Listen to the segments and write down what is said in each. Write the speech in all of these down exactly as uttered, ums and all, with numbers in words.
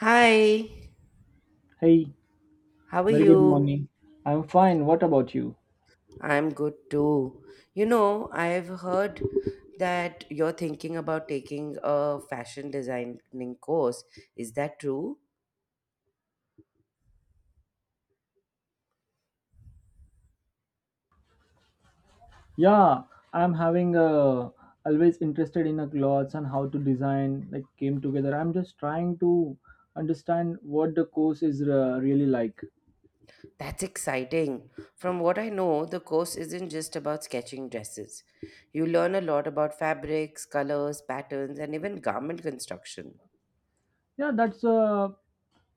Hi, Hey, how are very good you? morning. I'm fine. What about you? I'm good too. You know, I've heard that you're thinking about taking a fashion designing course. Is that true? Yeah, I'm having a always interested in a clothes and how to design like came together. I'm just trying to understand what the course is uh, really like. That's exciting. From what I know, the course isn't just about sketching dresses. You learn a lot about fabrics, colors, patterns, and even garment construction. Yeah, that's uh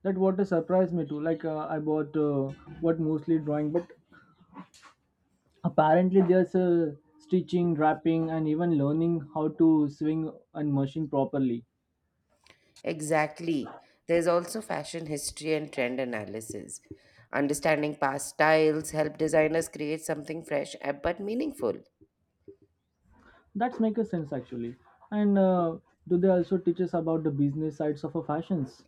that what a surprise me too. Like uh, I bought uh, What mostly drawing, but apparently there's a stitching, wrapping, and even learning how to swing and machine properly. Exactly. There's also fashion history and trend analysis. Understanding past styles help designers create something fresh uh, but meaningful. That makes sense actually. And uh, Do they also teach us about the business sides of a fashions?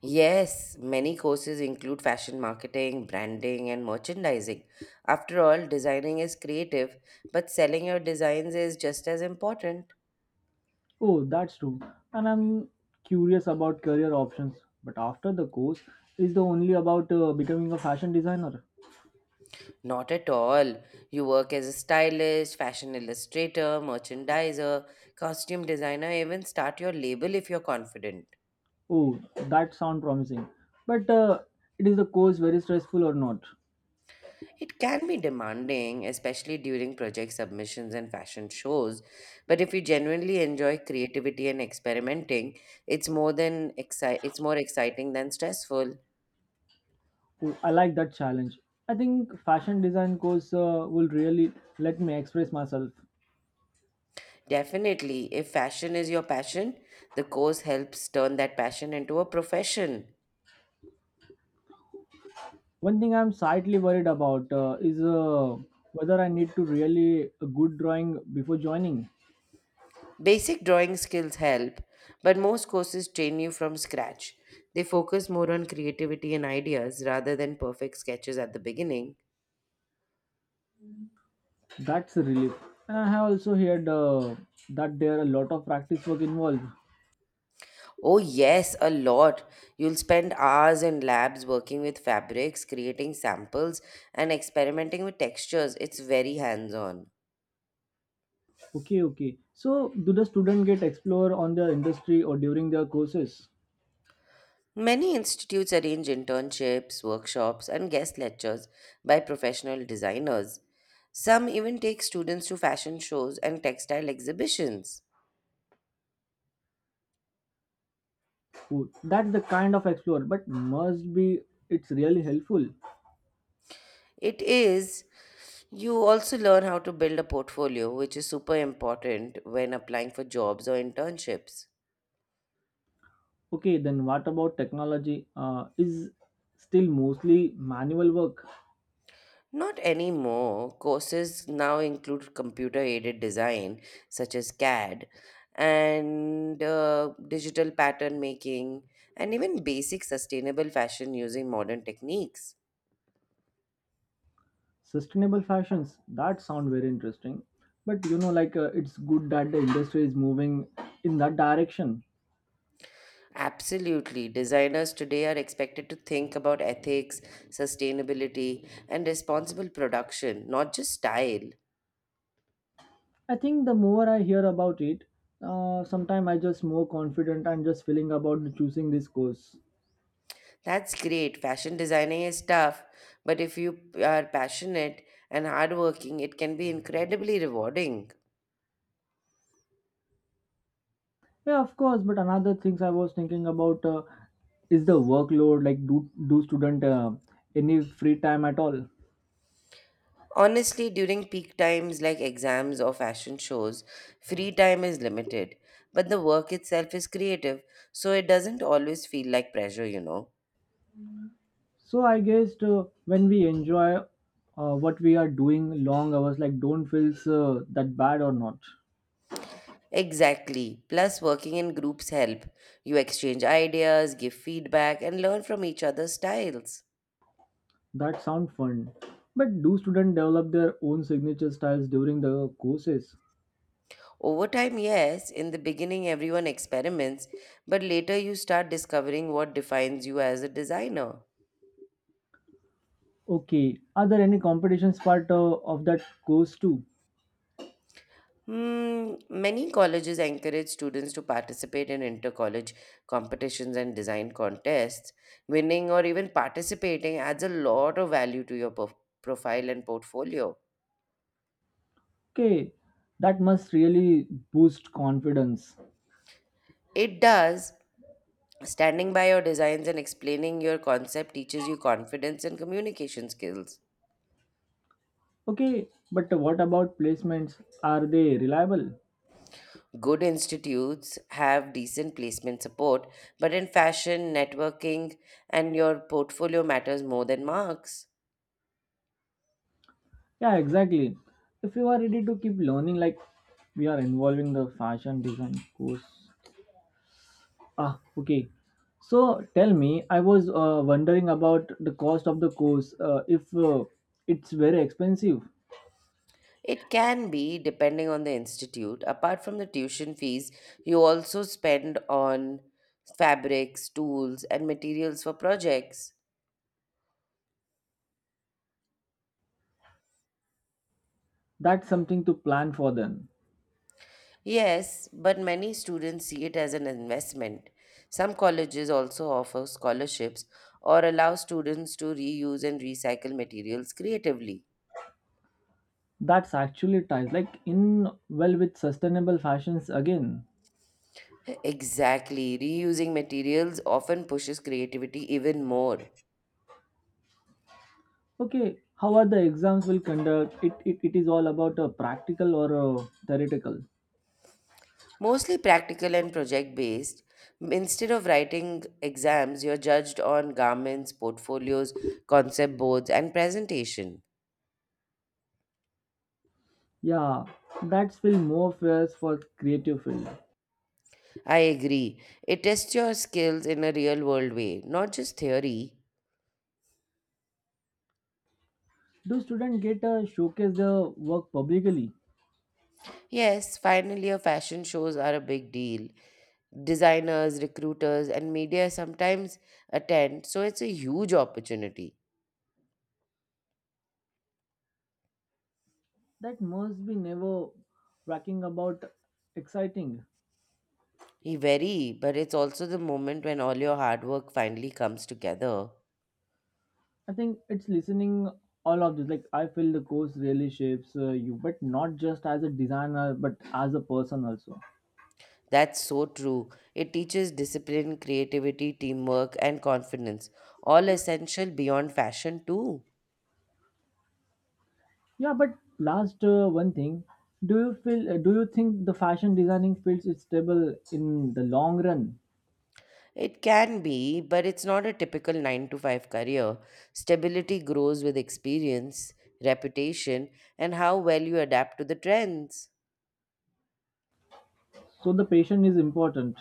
Yes, many courses include fashion marketing, branding, and merchandising. After all, designing is creative, but selling your designs is just as important. Oh, that's true. And I'm curious about career options. But after the course, is the only about uh, becoming a fashion designer? Not at all. You work as a stylist, fashion illustrator, merchandiser, costume designer, even start your label if you're confident. Oh, that sound promising. But uh, It is the course very stressful or not? It can be demanding, especially during project submissions and fashion shows, but if you genuinely enjoy creativity and experimenting, it's more than exci- it's more exciting than stressful. Oh, I like that challenge. I think fashion design course uh, will really let me express myself. Definitely, if fashion is your passion, the course helps turn that passion into a profession. One thing I'm slightly worried about uh, is uh, whether I need to really a good drawing before joining. Basic drawing skills help, but most courses train you from scratch. They focus more on creativity and ideas rather than perfect sketches at the beginning. That's a relief. And I have also heard uh, that there are a lot of practice work involved. Oh, yes, a lot. You'll spend hours in labs working with fabrics, creating samples, and experimenting with textures. It's very hands on. Okay, okay. So, do the student get explore on their industry or during their courses? Many institutes arrange internships, workshops, and guest lectures by professional designers. Some even take students to fashion shows and textile exhibitions. Ooh, that's the kind of explore, but must be it's really helpful. It is, you also learn how to build a portfolio, which is super important when applying for jobs or internships. Okay, then what about technology? Uh, is still mostly manual work. Not anymore. Courses now include computer aided design, such as CAD, and uh, digital pattern making, and even basic sustainable fashion using modern techniques. Sustainable fashions that sound very interesting, but you know like uh, it's good that the industry is moving in that direction. Absolutely. Designers today are expected to think about ethics, sustainability, and responsible production, not just style. I think the more I hear about it, uh, sometime I just more confident and just feeling about choosing this course. That's great. Fashion designing is tough, but if you are passionate and hardworking, it can be incredibly rewarding. Yeah, of course, but another things I was thinking about uh, is the workload like do do student uh, any free time at all? Honestly, during peak times like exams or fashion shows, free time is limited, but the work itself is creative, so it doesn't always feel like pressure, you know. So I guess uh, when we enjoy uh, what we are doing, long hours like don't feels uh, that bad or not. Exactly. Plus, working in groups help. You exchange ideas, give feedback, and learn from each other's styles. That sound fun. But do students develop their own signature styles during the courses? Over time, yes, in the beginning, everyone experiments, but later you start discovering what defines you as a designer. Okay, are there any competitions part uh, of that course too? Hmm, many colleges encourage students to participate in inter college competitions and design contests. Winning or even participating adds a lot of value to your prof- profile and portfolio. Okay, that must really boost confidence. It does. Standing by your designs and explaining your concept teaches you confidence and communication skills. Okay, but what about placements? Are they reliable? Good institutes have decent placement support, but in fashion, networking, and your portfolio matters more than marks. Yeah, exactly. If you are ready to keep learning, like we are involving the fashion design course. Ah, okay. So tell me, I was uh, wondering about the cost of the course. Uh, if uh, it's very expensive, It can be, depending on the institute. Apart from the tuition fees, you also spend on fabrics, tools, and materials for projects. that's something to plan for then. Yes, but many students see it as an investment. Some colleges also offer scholarships or allow students to reuse and recycle materials creatively. That's actually ties like in well with sustainable fashions again. Exactly, reusing materials often pushes creativity even more. Okay, how are the exams will conduct? It it, it is all about a practical or a theoretical. Mostly practical and project based. Instead of writing exams, you're judged on garments, portfolios, concept boards, and presentation. Yeah, that's feel more fair for creative field. I agree. It tests your skills in a real world way, not just theory. Do students get a showcase their work publicly? Yes, finally, your fashion shows are a big deal. Designers, recruiters, and media sometimes attend, so it's a huge opportunity. That must be never racking about exciting. Eh, very, but it's also the moment when all your hard work finally comes together. I think it's listening all of this. Like I feel the course really shapes uh, you, but not just as a designer, but as a person also. That's so true. It teaches discipline, creativity, teamwork, and confidence, all essential beyond fashion, too. Yeah, but last uh, one thing, do you feel? Uh, do you think the fashion designing fields is stable in the long run? It can be, but it's not a typical nine to five career. Stability grows with experience, reputation, and how well you adapt to the trends. So the patient is important.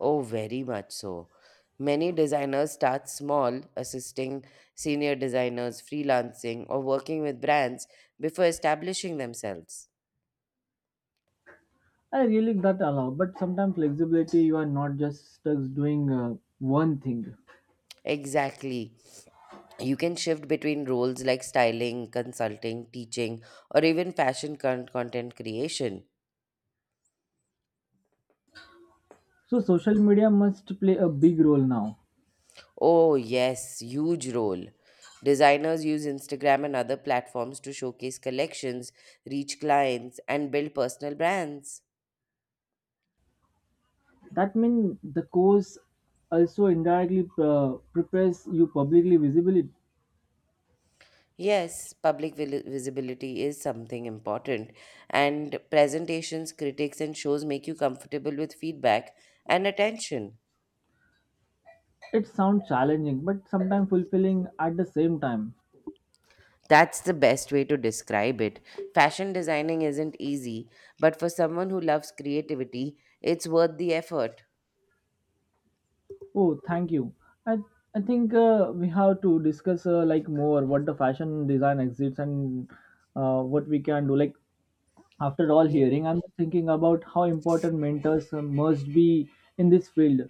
Oh, very much so. Many designers start small, assisting senior designers, freelancing, or working with brands before establishing themselves. I really like that allow, but sometimes flexibility. You are not just stuck doing uh, one thing. Exactly. You can shift between roles like styling, consulting, teaching, or even fashion con- content creation. So social media must play a big role now. Oh, yes, huge role. Designers use Instagram and other platforms to showcase collections, reach clients, and build personal brands. That means the course also indirectly uh, prepares you publicly visible. Yes, public vil- visibility is something important, and presentations, critics, and shows make you comfortable with feedback and attention. It sounds challenging, but sometimes fulfilling at the same time. That's the best way to describe it. Fashion designing isn't easy, but for someone who loves creativity, it's worth the effort. Oh, thank you. I I think uh, we have to discuss uh, like more what the fashion design exists and uh, what we can do. Like after all Ye- hearing, I'm thinking about how important mentors uh, must be in this field.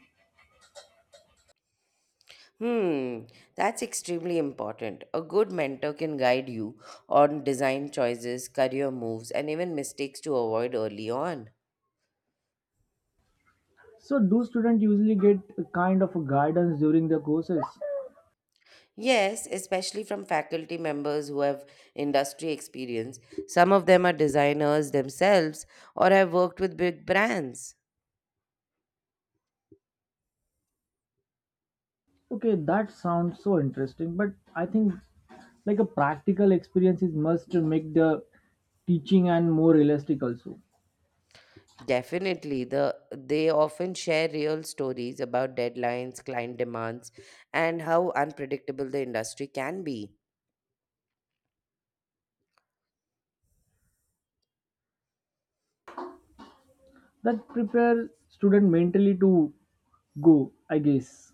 Hmm, that's extremely important. A good mentor can guide you on design choices, career moves, and even mistakes to avoid early on. So, do students usually get a kind of a guidance during their courses? Yes, especially from faculty members who have industry experience. Some of them are designers themselves or have worked with big brands. Okay, that sounds so interesting, but I think like a practical experience is must to make the teaching and more realistic also. Definitely, the they often share real stories about deadlines, client demands, and how unpredictable the industry can be. That prepare student mentally to go, I guess.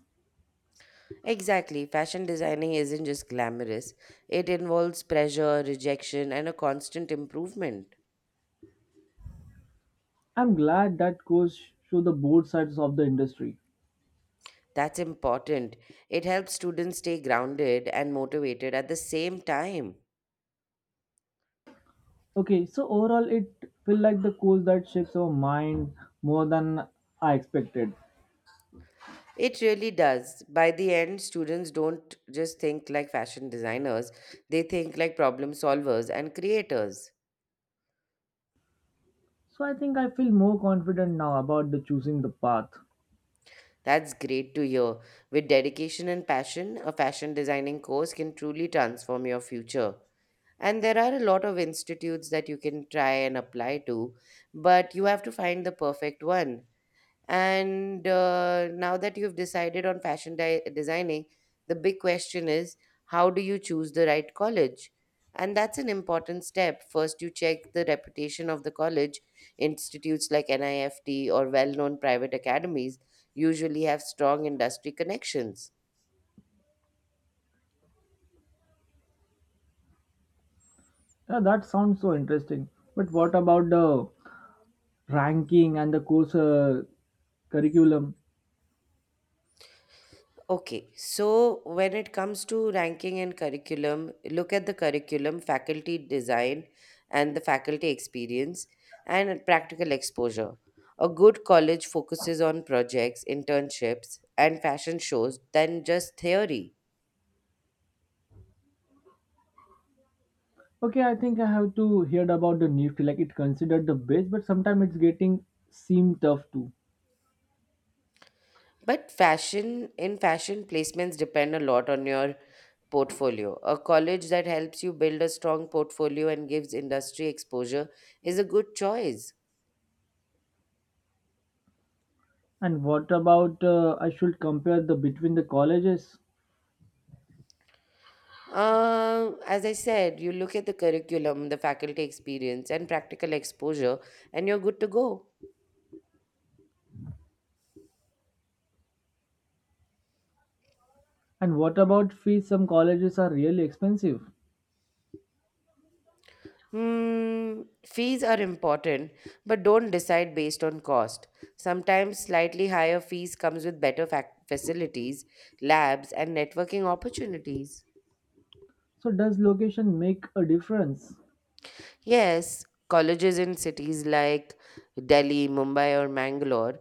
Exactly, fashion designing isn't just glamorous. It involves pressure, rejection, and a constant improvement. I'm glad that course show the both sides of the industry. That's important. It helps students stay grounded and motivated at the same time. Okay, so overall it feel like the course that shapes our mind more than I expected. It really does. By the end, students don't just think like fashion designers, they think like problem solvers and creators. So I think I feel more confident now about the choosing the path. That's great to hear. With dedication and passion, a fashion designing course can truly transform your future. And there are a lot of institutes that you can try and apply to, but you have to find the perfect one. And uh, now that you've decided on fashion di- designing, the big question is how do you choose the right college? And that's an important step. First, you check the reputation of the college. Institutes like NIFT or well known private academies usually have strong industry connections. Yeah, that sounds so interesting. But what about the ranking and the course uh, curriculum. Okay, so when it comes to ranking and curriculum, look at the curriculum, faculty design, and the faculty experience and practical exposure. A good college focuses on projects, internships, and fashion shows than just theory. Okay, I think I have to heard about the NEET. Like it considered the best, but sometimes it's getting seem tough too. But fashion in fashion placements depend a lot on your portfolio. A college that helps you build a strong portfolio and gives industry exposure is a good choice. And what about uh, I should compare the between the colleges? Uh, as I said, you look at the curriculum, the faculty experience, and practical exposure, and you're good to go. And what about fees? Some colleges are really expensive. Hmm, fees are important, but don't decide based on cost. Sometimes slightly higher fees comes with better fac- facilities, labs, and networking opportunities. So does location make a difference? Yes, colleges in cities like Delhi, Mumbai, or Mangalore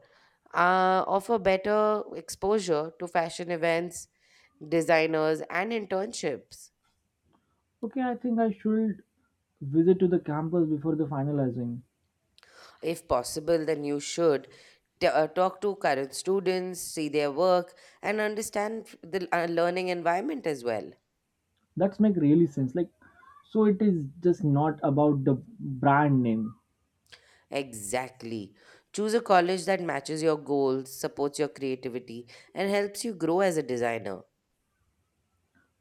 uh, offer better exposure to fashion events, designers, and internships. Okay, I think I should visit to the campus before the finalizing. If possible, then you should t- uh, talk to current students, see their work, and understand the uh, learning environment as well. That's make really sense. Like, so it is just not about the brand name. Exactly. Choose a college that matches your goals, supports your creativity, and helps you grow as a designer.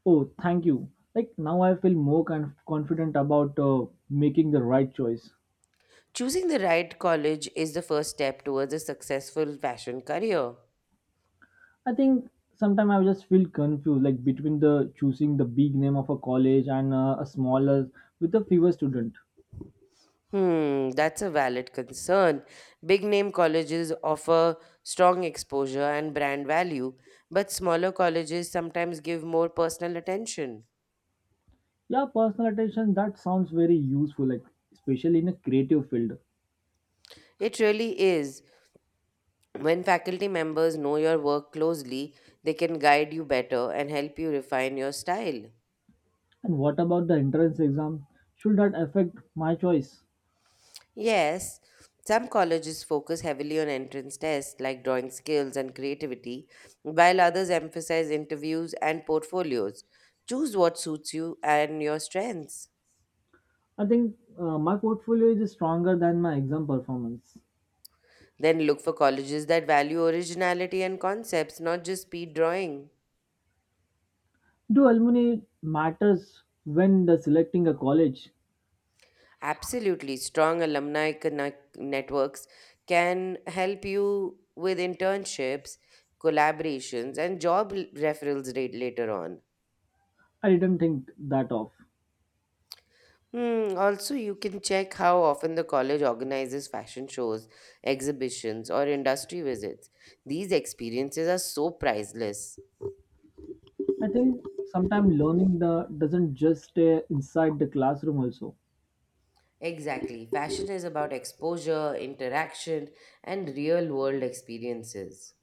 Oh, thank you. Like now, I feel more con- confident about uh, making the right choice. Choosing the right college is the first step towards a successful fashion career. I think sometimes I just feel confused, like between the choosing the big name of a college and uh, a smaller with a fewer student. Hmm, that's a valid concern. Big name colleges offer strong exposure and brand value, but smaller colleges sometimes give more personal attention. Yeah, personal attention that sounds very useful, like especially in a creative field. It really is. When faculty members know your work closely, they can guide you better and help you refine your style. And what about the entrance exam? Should that affect my choice? Yes, some colleges focus heavily on entrance tests like drawing skills and creativity, while others emphasize interviews and portfolios. Choose what suits you and your strengths. I think uh, my portfolio is stronger than my exam performance. Then look for colleges that value originality and concepts, not just speed drawing. Do alumni matters when the selecting a college? Absolutely, strong alumni connect- networks can help you with internships, collaborations, and job l- referrals rate later on. I didn't think that of. Hmm, also, you can check how often the college organizes fashion shows, exhibitions, or industry visits. These experiences are so priceless. I think sometimes learning the doesn't just stay inside the classroom also. Exactly. Fashion is about exposure, interaction, and real world experiences.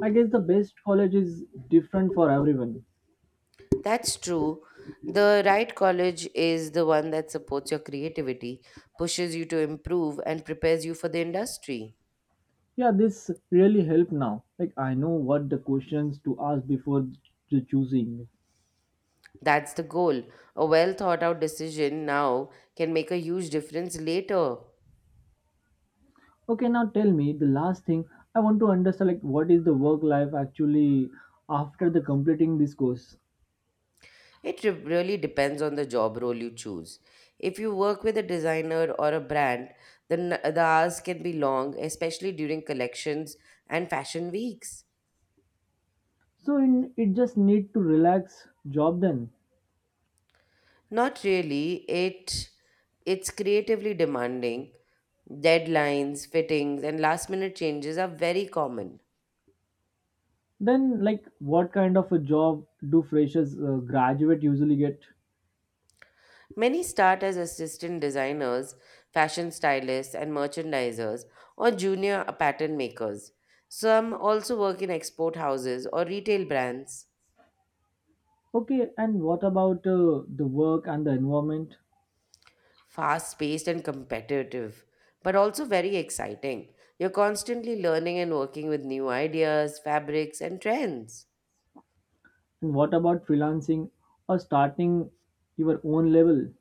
I guess the best college is different for everyone. That's true. The right college is the one that supports your creativity, pushes you to improve, and prepares you for the industry. Yeah, this really helped now. Like I know what the questions to ask before the choosing. That's the goal. A well thought out decision now can make a huge difference later. Okay, now tell me the last thing I want to understand like what is the work life actually after the completing this course. It re- really depends on the job role you choose. If you work with a designer or a brand, then the hours can be long, especially during collections and fashion weeks. So in it just need to relax job then. Not really. It it's creatively demanding. Deadlines, fittings, and last minute changes are very common. Then, like, what kind of a job do freshers uh, graduate usually get? Many start as assistant designers, fashion stylists, and merchandisers, or junior pattern makers. Some also work in export houses or retail brands. Okay, and what about uh, the work and the environment? Fast paced and competitive, but also very exciting. You're constantly learning and working with new ideas, fabrics, and trends. And what about freelancing or starting your own level?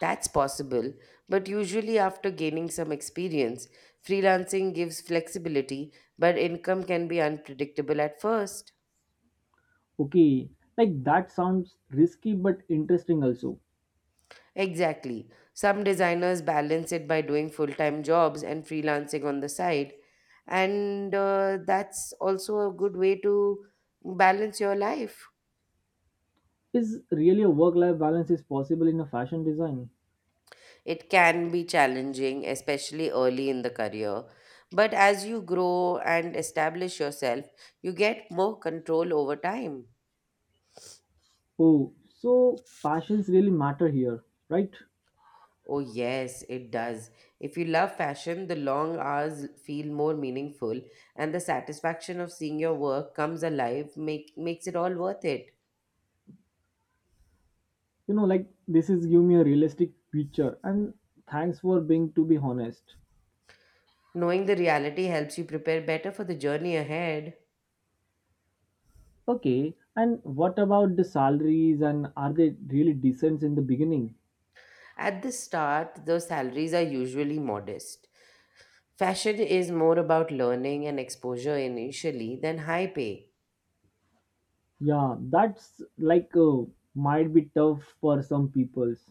That's possible, but usually after gaining some experience, freelancing gives flexibility, but income can be unpredictable at first. Okay, like that sounds risky but interesting also. Exactly. Some designers balance it by doing full time jobs and freelancing on the side. And uh, that's also a good way to balance your life. Is really a work-life balance is possible in a fashion design? It can be challenging, especially early in the career. But as you grow and establish yourself, you get more control over time. Oh, so passions really matter here, right? Oh, yes, it does. If you love fashion, the long hours feel more meaningful, and the satisfaction of seeing your work comes alive make, makes it all worth it. You know, like this is give me a realistic picture and thanks for being to be honest. Knowing the reality helps you prepare better for the journey ahead. Okay, and what about the salaries and are they really decent in the beginning? At the start, the salaries are usually modest. Fashion is more about learning and exposure initially than high pay. Yeah, that's like uh, might be tough for some peoples.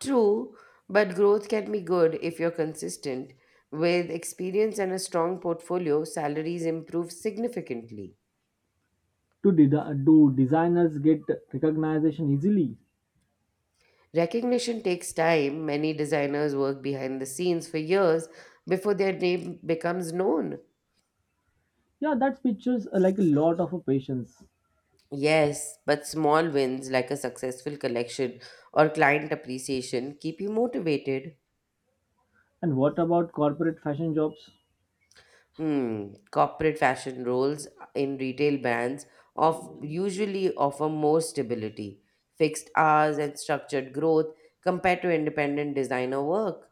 True, but growth can be good if you're consistent. With experience and a strong portfolio, salaries improve significantly. To de- do designers get recognition easily? Recognition takes time. Many designers work behind the scenes for years before their name becomes known. Yeah, that pictures uh, like a lot of uh, patience. Yes, but small wins like a successful collection or client appreciation keep you motivated. And what about corporate fashion jobs? Hmm. Corporate fashion roles in retail brands of usually offer more stability, fixed hours, and structured growth compared to independent designer work.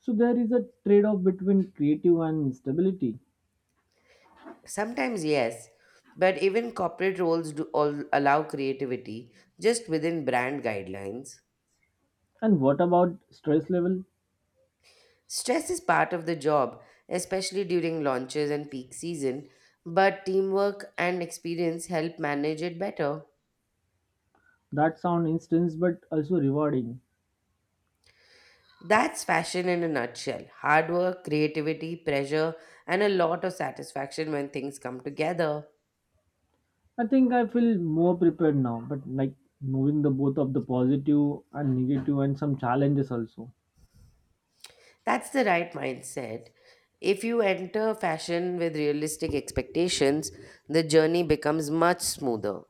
So there is a trade-off between creative and stability. Sometimes, yes, but even corporate roles do all allow creativity just within brand guidelines. And what about stress level? Stress is part of the job, especially during launches and peak season, but teamwork and experience help manage it better. That sound intense but also rewarding. That's fashion in a nutshell. Hard work, creativity, pressure, and a lot of satisfaction when things come together. I think I feel more prepared now, but like knowing the both of the positive and negative and some challenges also. That's the right mindset. If you enter fashion with realistic expectations, the journey becomes much smoother.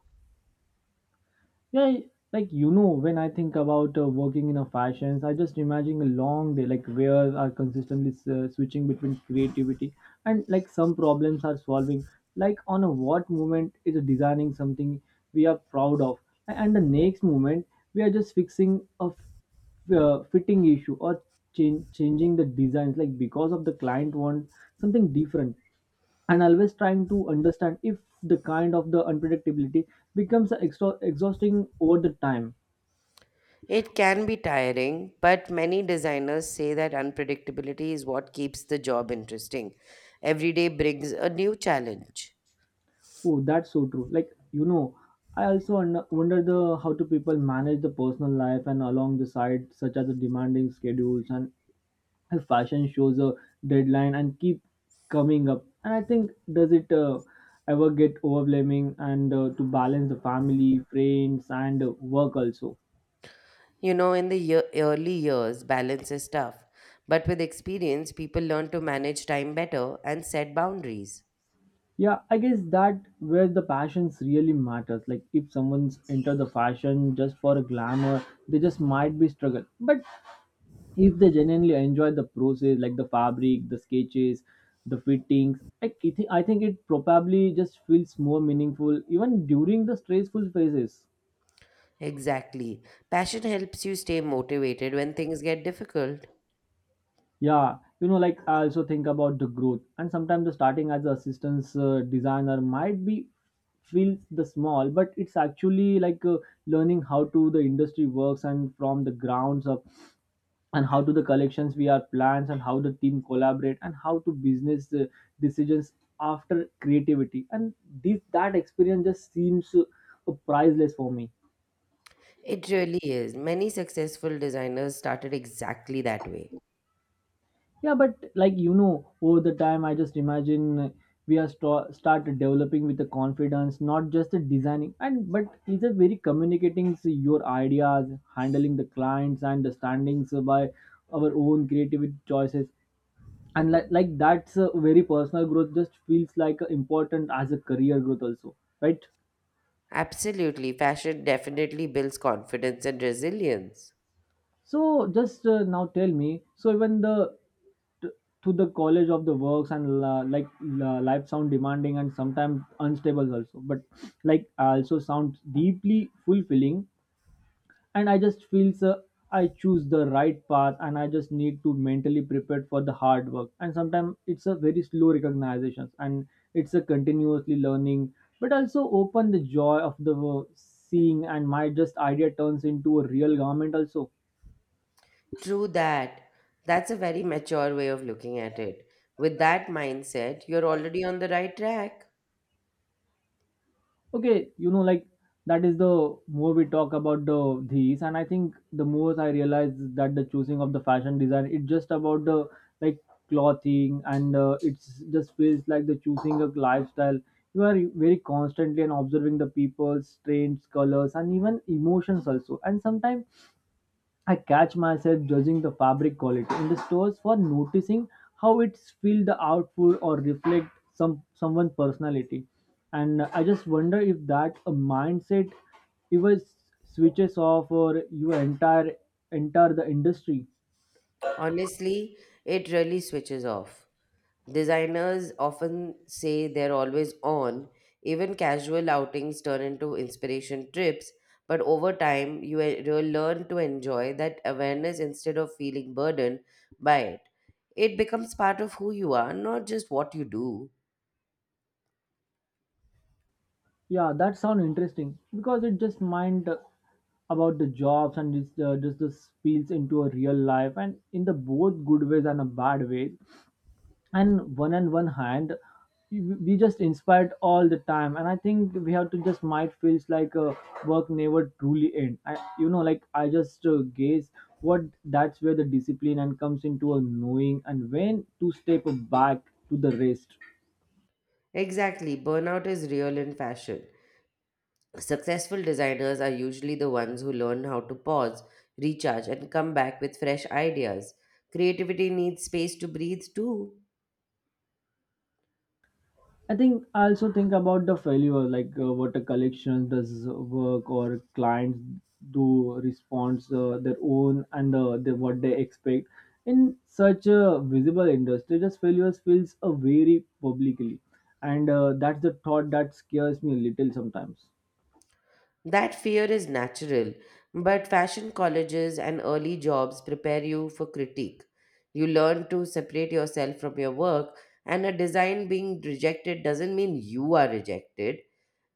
Yeah, y- like you know, when I think about uh, working in a fashions, I just imagine a long day, like where are consistently s- uh, switching between creativity and like some problems are solving. Like on a what moment is designing something we are proud of, a- and the next moment we are just fixing a f- uh, fitting issue or change, changing the designs, like because of the client want something different and always trying to understand if the kind of the unpredictability becomes extra- exhausting over the time. It can be tiring, but many designers say that unpredictability is what keeps the job interesting. Every day brings a new challenge. Oh, that's so true. Like you know, I also wonder wonder the how do people manage the personal life and along the side such as the demanding schedules and if fashion shows a deadline and keep coming up, and I think does it uh, ever get overwhelming and uh, to balance the family friends and uh, work also. You know, in the year, early years, balance is tough, but with experience, people learn to manage time better and set boundaries. Yeah, I guess that where the passions really matters. Like if someone's into the fashion just for a glamour, they just might be struggle. But if they genuinely enjoy the process, like the fabric, the sketches, the fittings, like I thi- I think it probably just feels more meaningful even during the stressful phases. Exactly. Passion helps you stay motivated when things get difficult. Yeah, you know, like I also think about the growth and sometimes the starting as an assistance uh, designer might be feel the small but it's actually like uh, learning how to the industry works and from the grounds up and how to the collections we are plans and how the team collaborate and how to business uh, decisions after creativity, and this that experience just seems uh, priceless for me. It really is. Many successful designers started exactly that way. Yeah, but like you know, over the time, I just imagine we are st- start developing with the confidence, not just the designing, and but is it very communicating your ideas, handling the clients and the standings by our own creative choices, and like like that's a very personal growth. Just feels like a important as a career growth also, right? Absolutely. Fashion definitely builds confidence and resilience. So just uh, now tell me. So even the t- to the college of the works and la, like la, life sound demanding and sometimes unstable also. But like I also sound deeply fulfilling, and I just feel so I choose the right path, and I just need to mentally prepare for the hard work. And sometimes it's a very slow recognition, and it's a continuously learning, but also open the joy of the uh, seeing, and my just idea turns into a real garment also. True that. That's a very mature way of looking at it. With that mindset, you're already on the right track. Okay, you know, like that is the more we talk about the these, and I think the most I realize is that the choosing of the fashion design it's just about the like clothing and uh, it's just feels like the choosing a lifestyle. You are very constantly and observing the people's trends colors and even emotions also, and sometimes I catch myself judging the fabric quality in the stores for noticing how it feel the output or reflect some someone's personality. And I just wonder if that a mindset even s- switches off or you entire enter the industry. Honestly, it really switches off. Designers often say they're always on. Even casual outings turn into inspiration trips, but over time, you e- you'll learn to enjoy that awareness instead of feeling burdened by it. It becomes part of who you are, not just what you do. Yeah, that sounds interesting because it just mind uh, about the jobs and just uh, just the spills into a real life and in the both good ways and a bad way, and one on one hand we we just inspired all the time, and I think we have to just might feels like uh, work never truly end. I, you know, like I just uh, guess what that's where the discipline and comes into a knowing and when to step back to the rest. Exactly, burnout is real in fashion. Successful designers are usually the ones who learn how to pause, recharge, and come back with fresh ideas. Creativity needs space to breathe too. I think I also think about the failure, like uh, what a collection does work or clients do response uh, their own and uh, the, what they expect. In such a visible industry, just failures feels uh, very publicly, and uh, that's the thought that scares me a little sometimes. That fear is natural, but fashion colleges and early jobs prepare you for critique. You learn to separate yourself from your work, and a design being rejected doesn't mean you are rejected.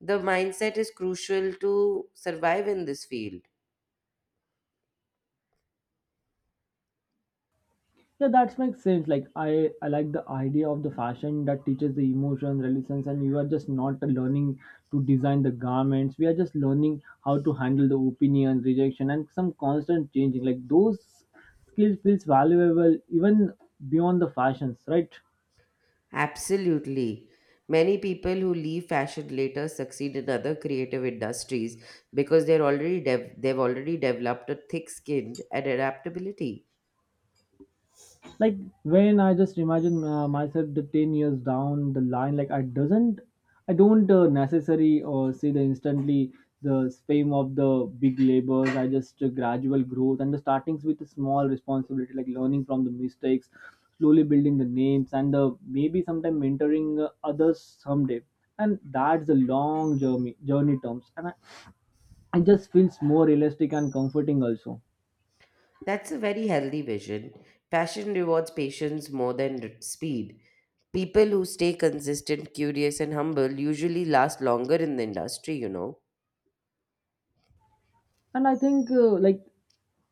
The mindset is crucial to survive in this field. Yeah, that makes sense. Like I, I like the idea of the fashion that teaches the emotions, relations, and you are just not learning to design the garments. We are just learning how to handle the opinions, rejection, and some constant changing. Like those skills feels valuable even beyond the fashions, right? Absolutely. Many people who leave fashion later succeed in other creative industries because they're already dev- they've already developed a thick skin and adaptability. Like when I just imagine uh, myself the ten years down the line, like i doesn't I don't uh, necessary or see the instantly the fame of the big labors. I just uh, gradual growth and the startings with a small responsibility like learning from the mistakes, slowly building the names and uh, maybe sometime mentoring uh, others someday, and that's a long journey journey terms, and I, I just feels more realistic and comforting also. That's a very healthy vision. Fashion rewards patience more than r- speed. People who stay consistent, curious, and humble usually last longer in the industry, you know. And I think uh, like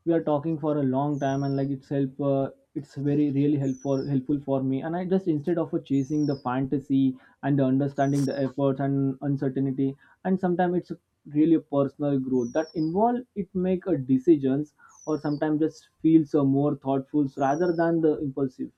we are talking for a long time, and like it's help uh, it's very really helpful helpful for me, and I just instead of uh, chasing the fantasy and the understanding the efforts and uncertainty, and sometimes it's really a personal growth that involve it make a decisions or sometimes just feels uh, more thoughtful rather than the impulsive.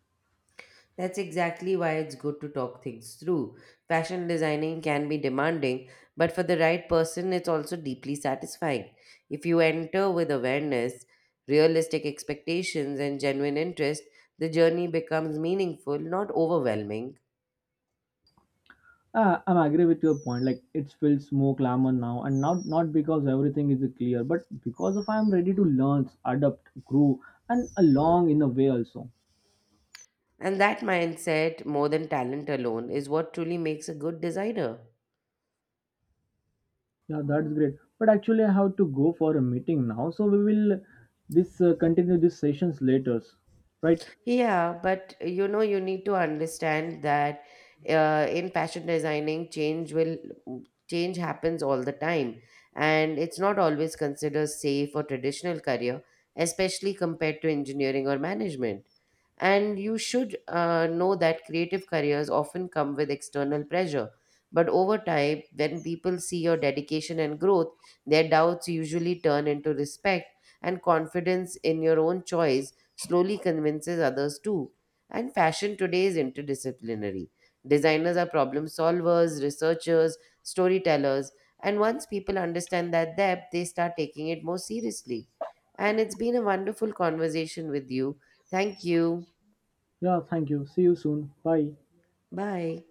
That's exactly why it's good to talk things through. Fashion designing can be demanding, but for the right person, it's also deeply satisfying. If you enter with awareness, realistic expectations, and genuine interest, the journey becomes meaningful, not overwhelming. Uh, I'm agree with your point. Like it feels more glamour now, and not not because everything is clear, but because of I'm ready to learn, adapt, grow, and along in a way also. And that mindset, more than talent alone, is what truly makes a good designer. Yeah, that's great. But actually, I have to go for a meeting now, so we will this uh, continue these sessions later, right? Yeah, but uh, you know, you need to understand that uh, in fashion designing, change will mm, change happens all the time, and it's not always considered safe or traditional career, especially compared to engineering or management. And you should uh, know that creative careers often come with external pressure. But over time, when people see your dedication and growth, their doubts usually turn into respect, and confidence in your own choice slowly convinces others too. And fashion today is interdisciplinary. Designers are problem solvers, researchers, storytellers, and once people understand that depth, they start taking it more seriously. And it's been a wonderful conversation with you. Thank you. Yeah, thank you. See you soon. Bye. Bye.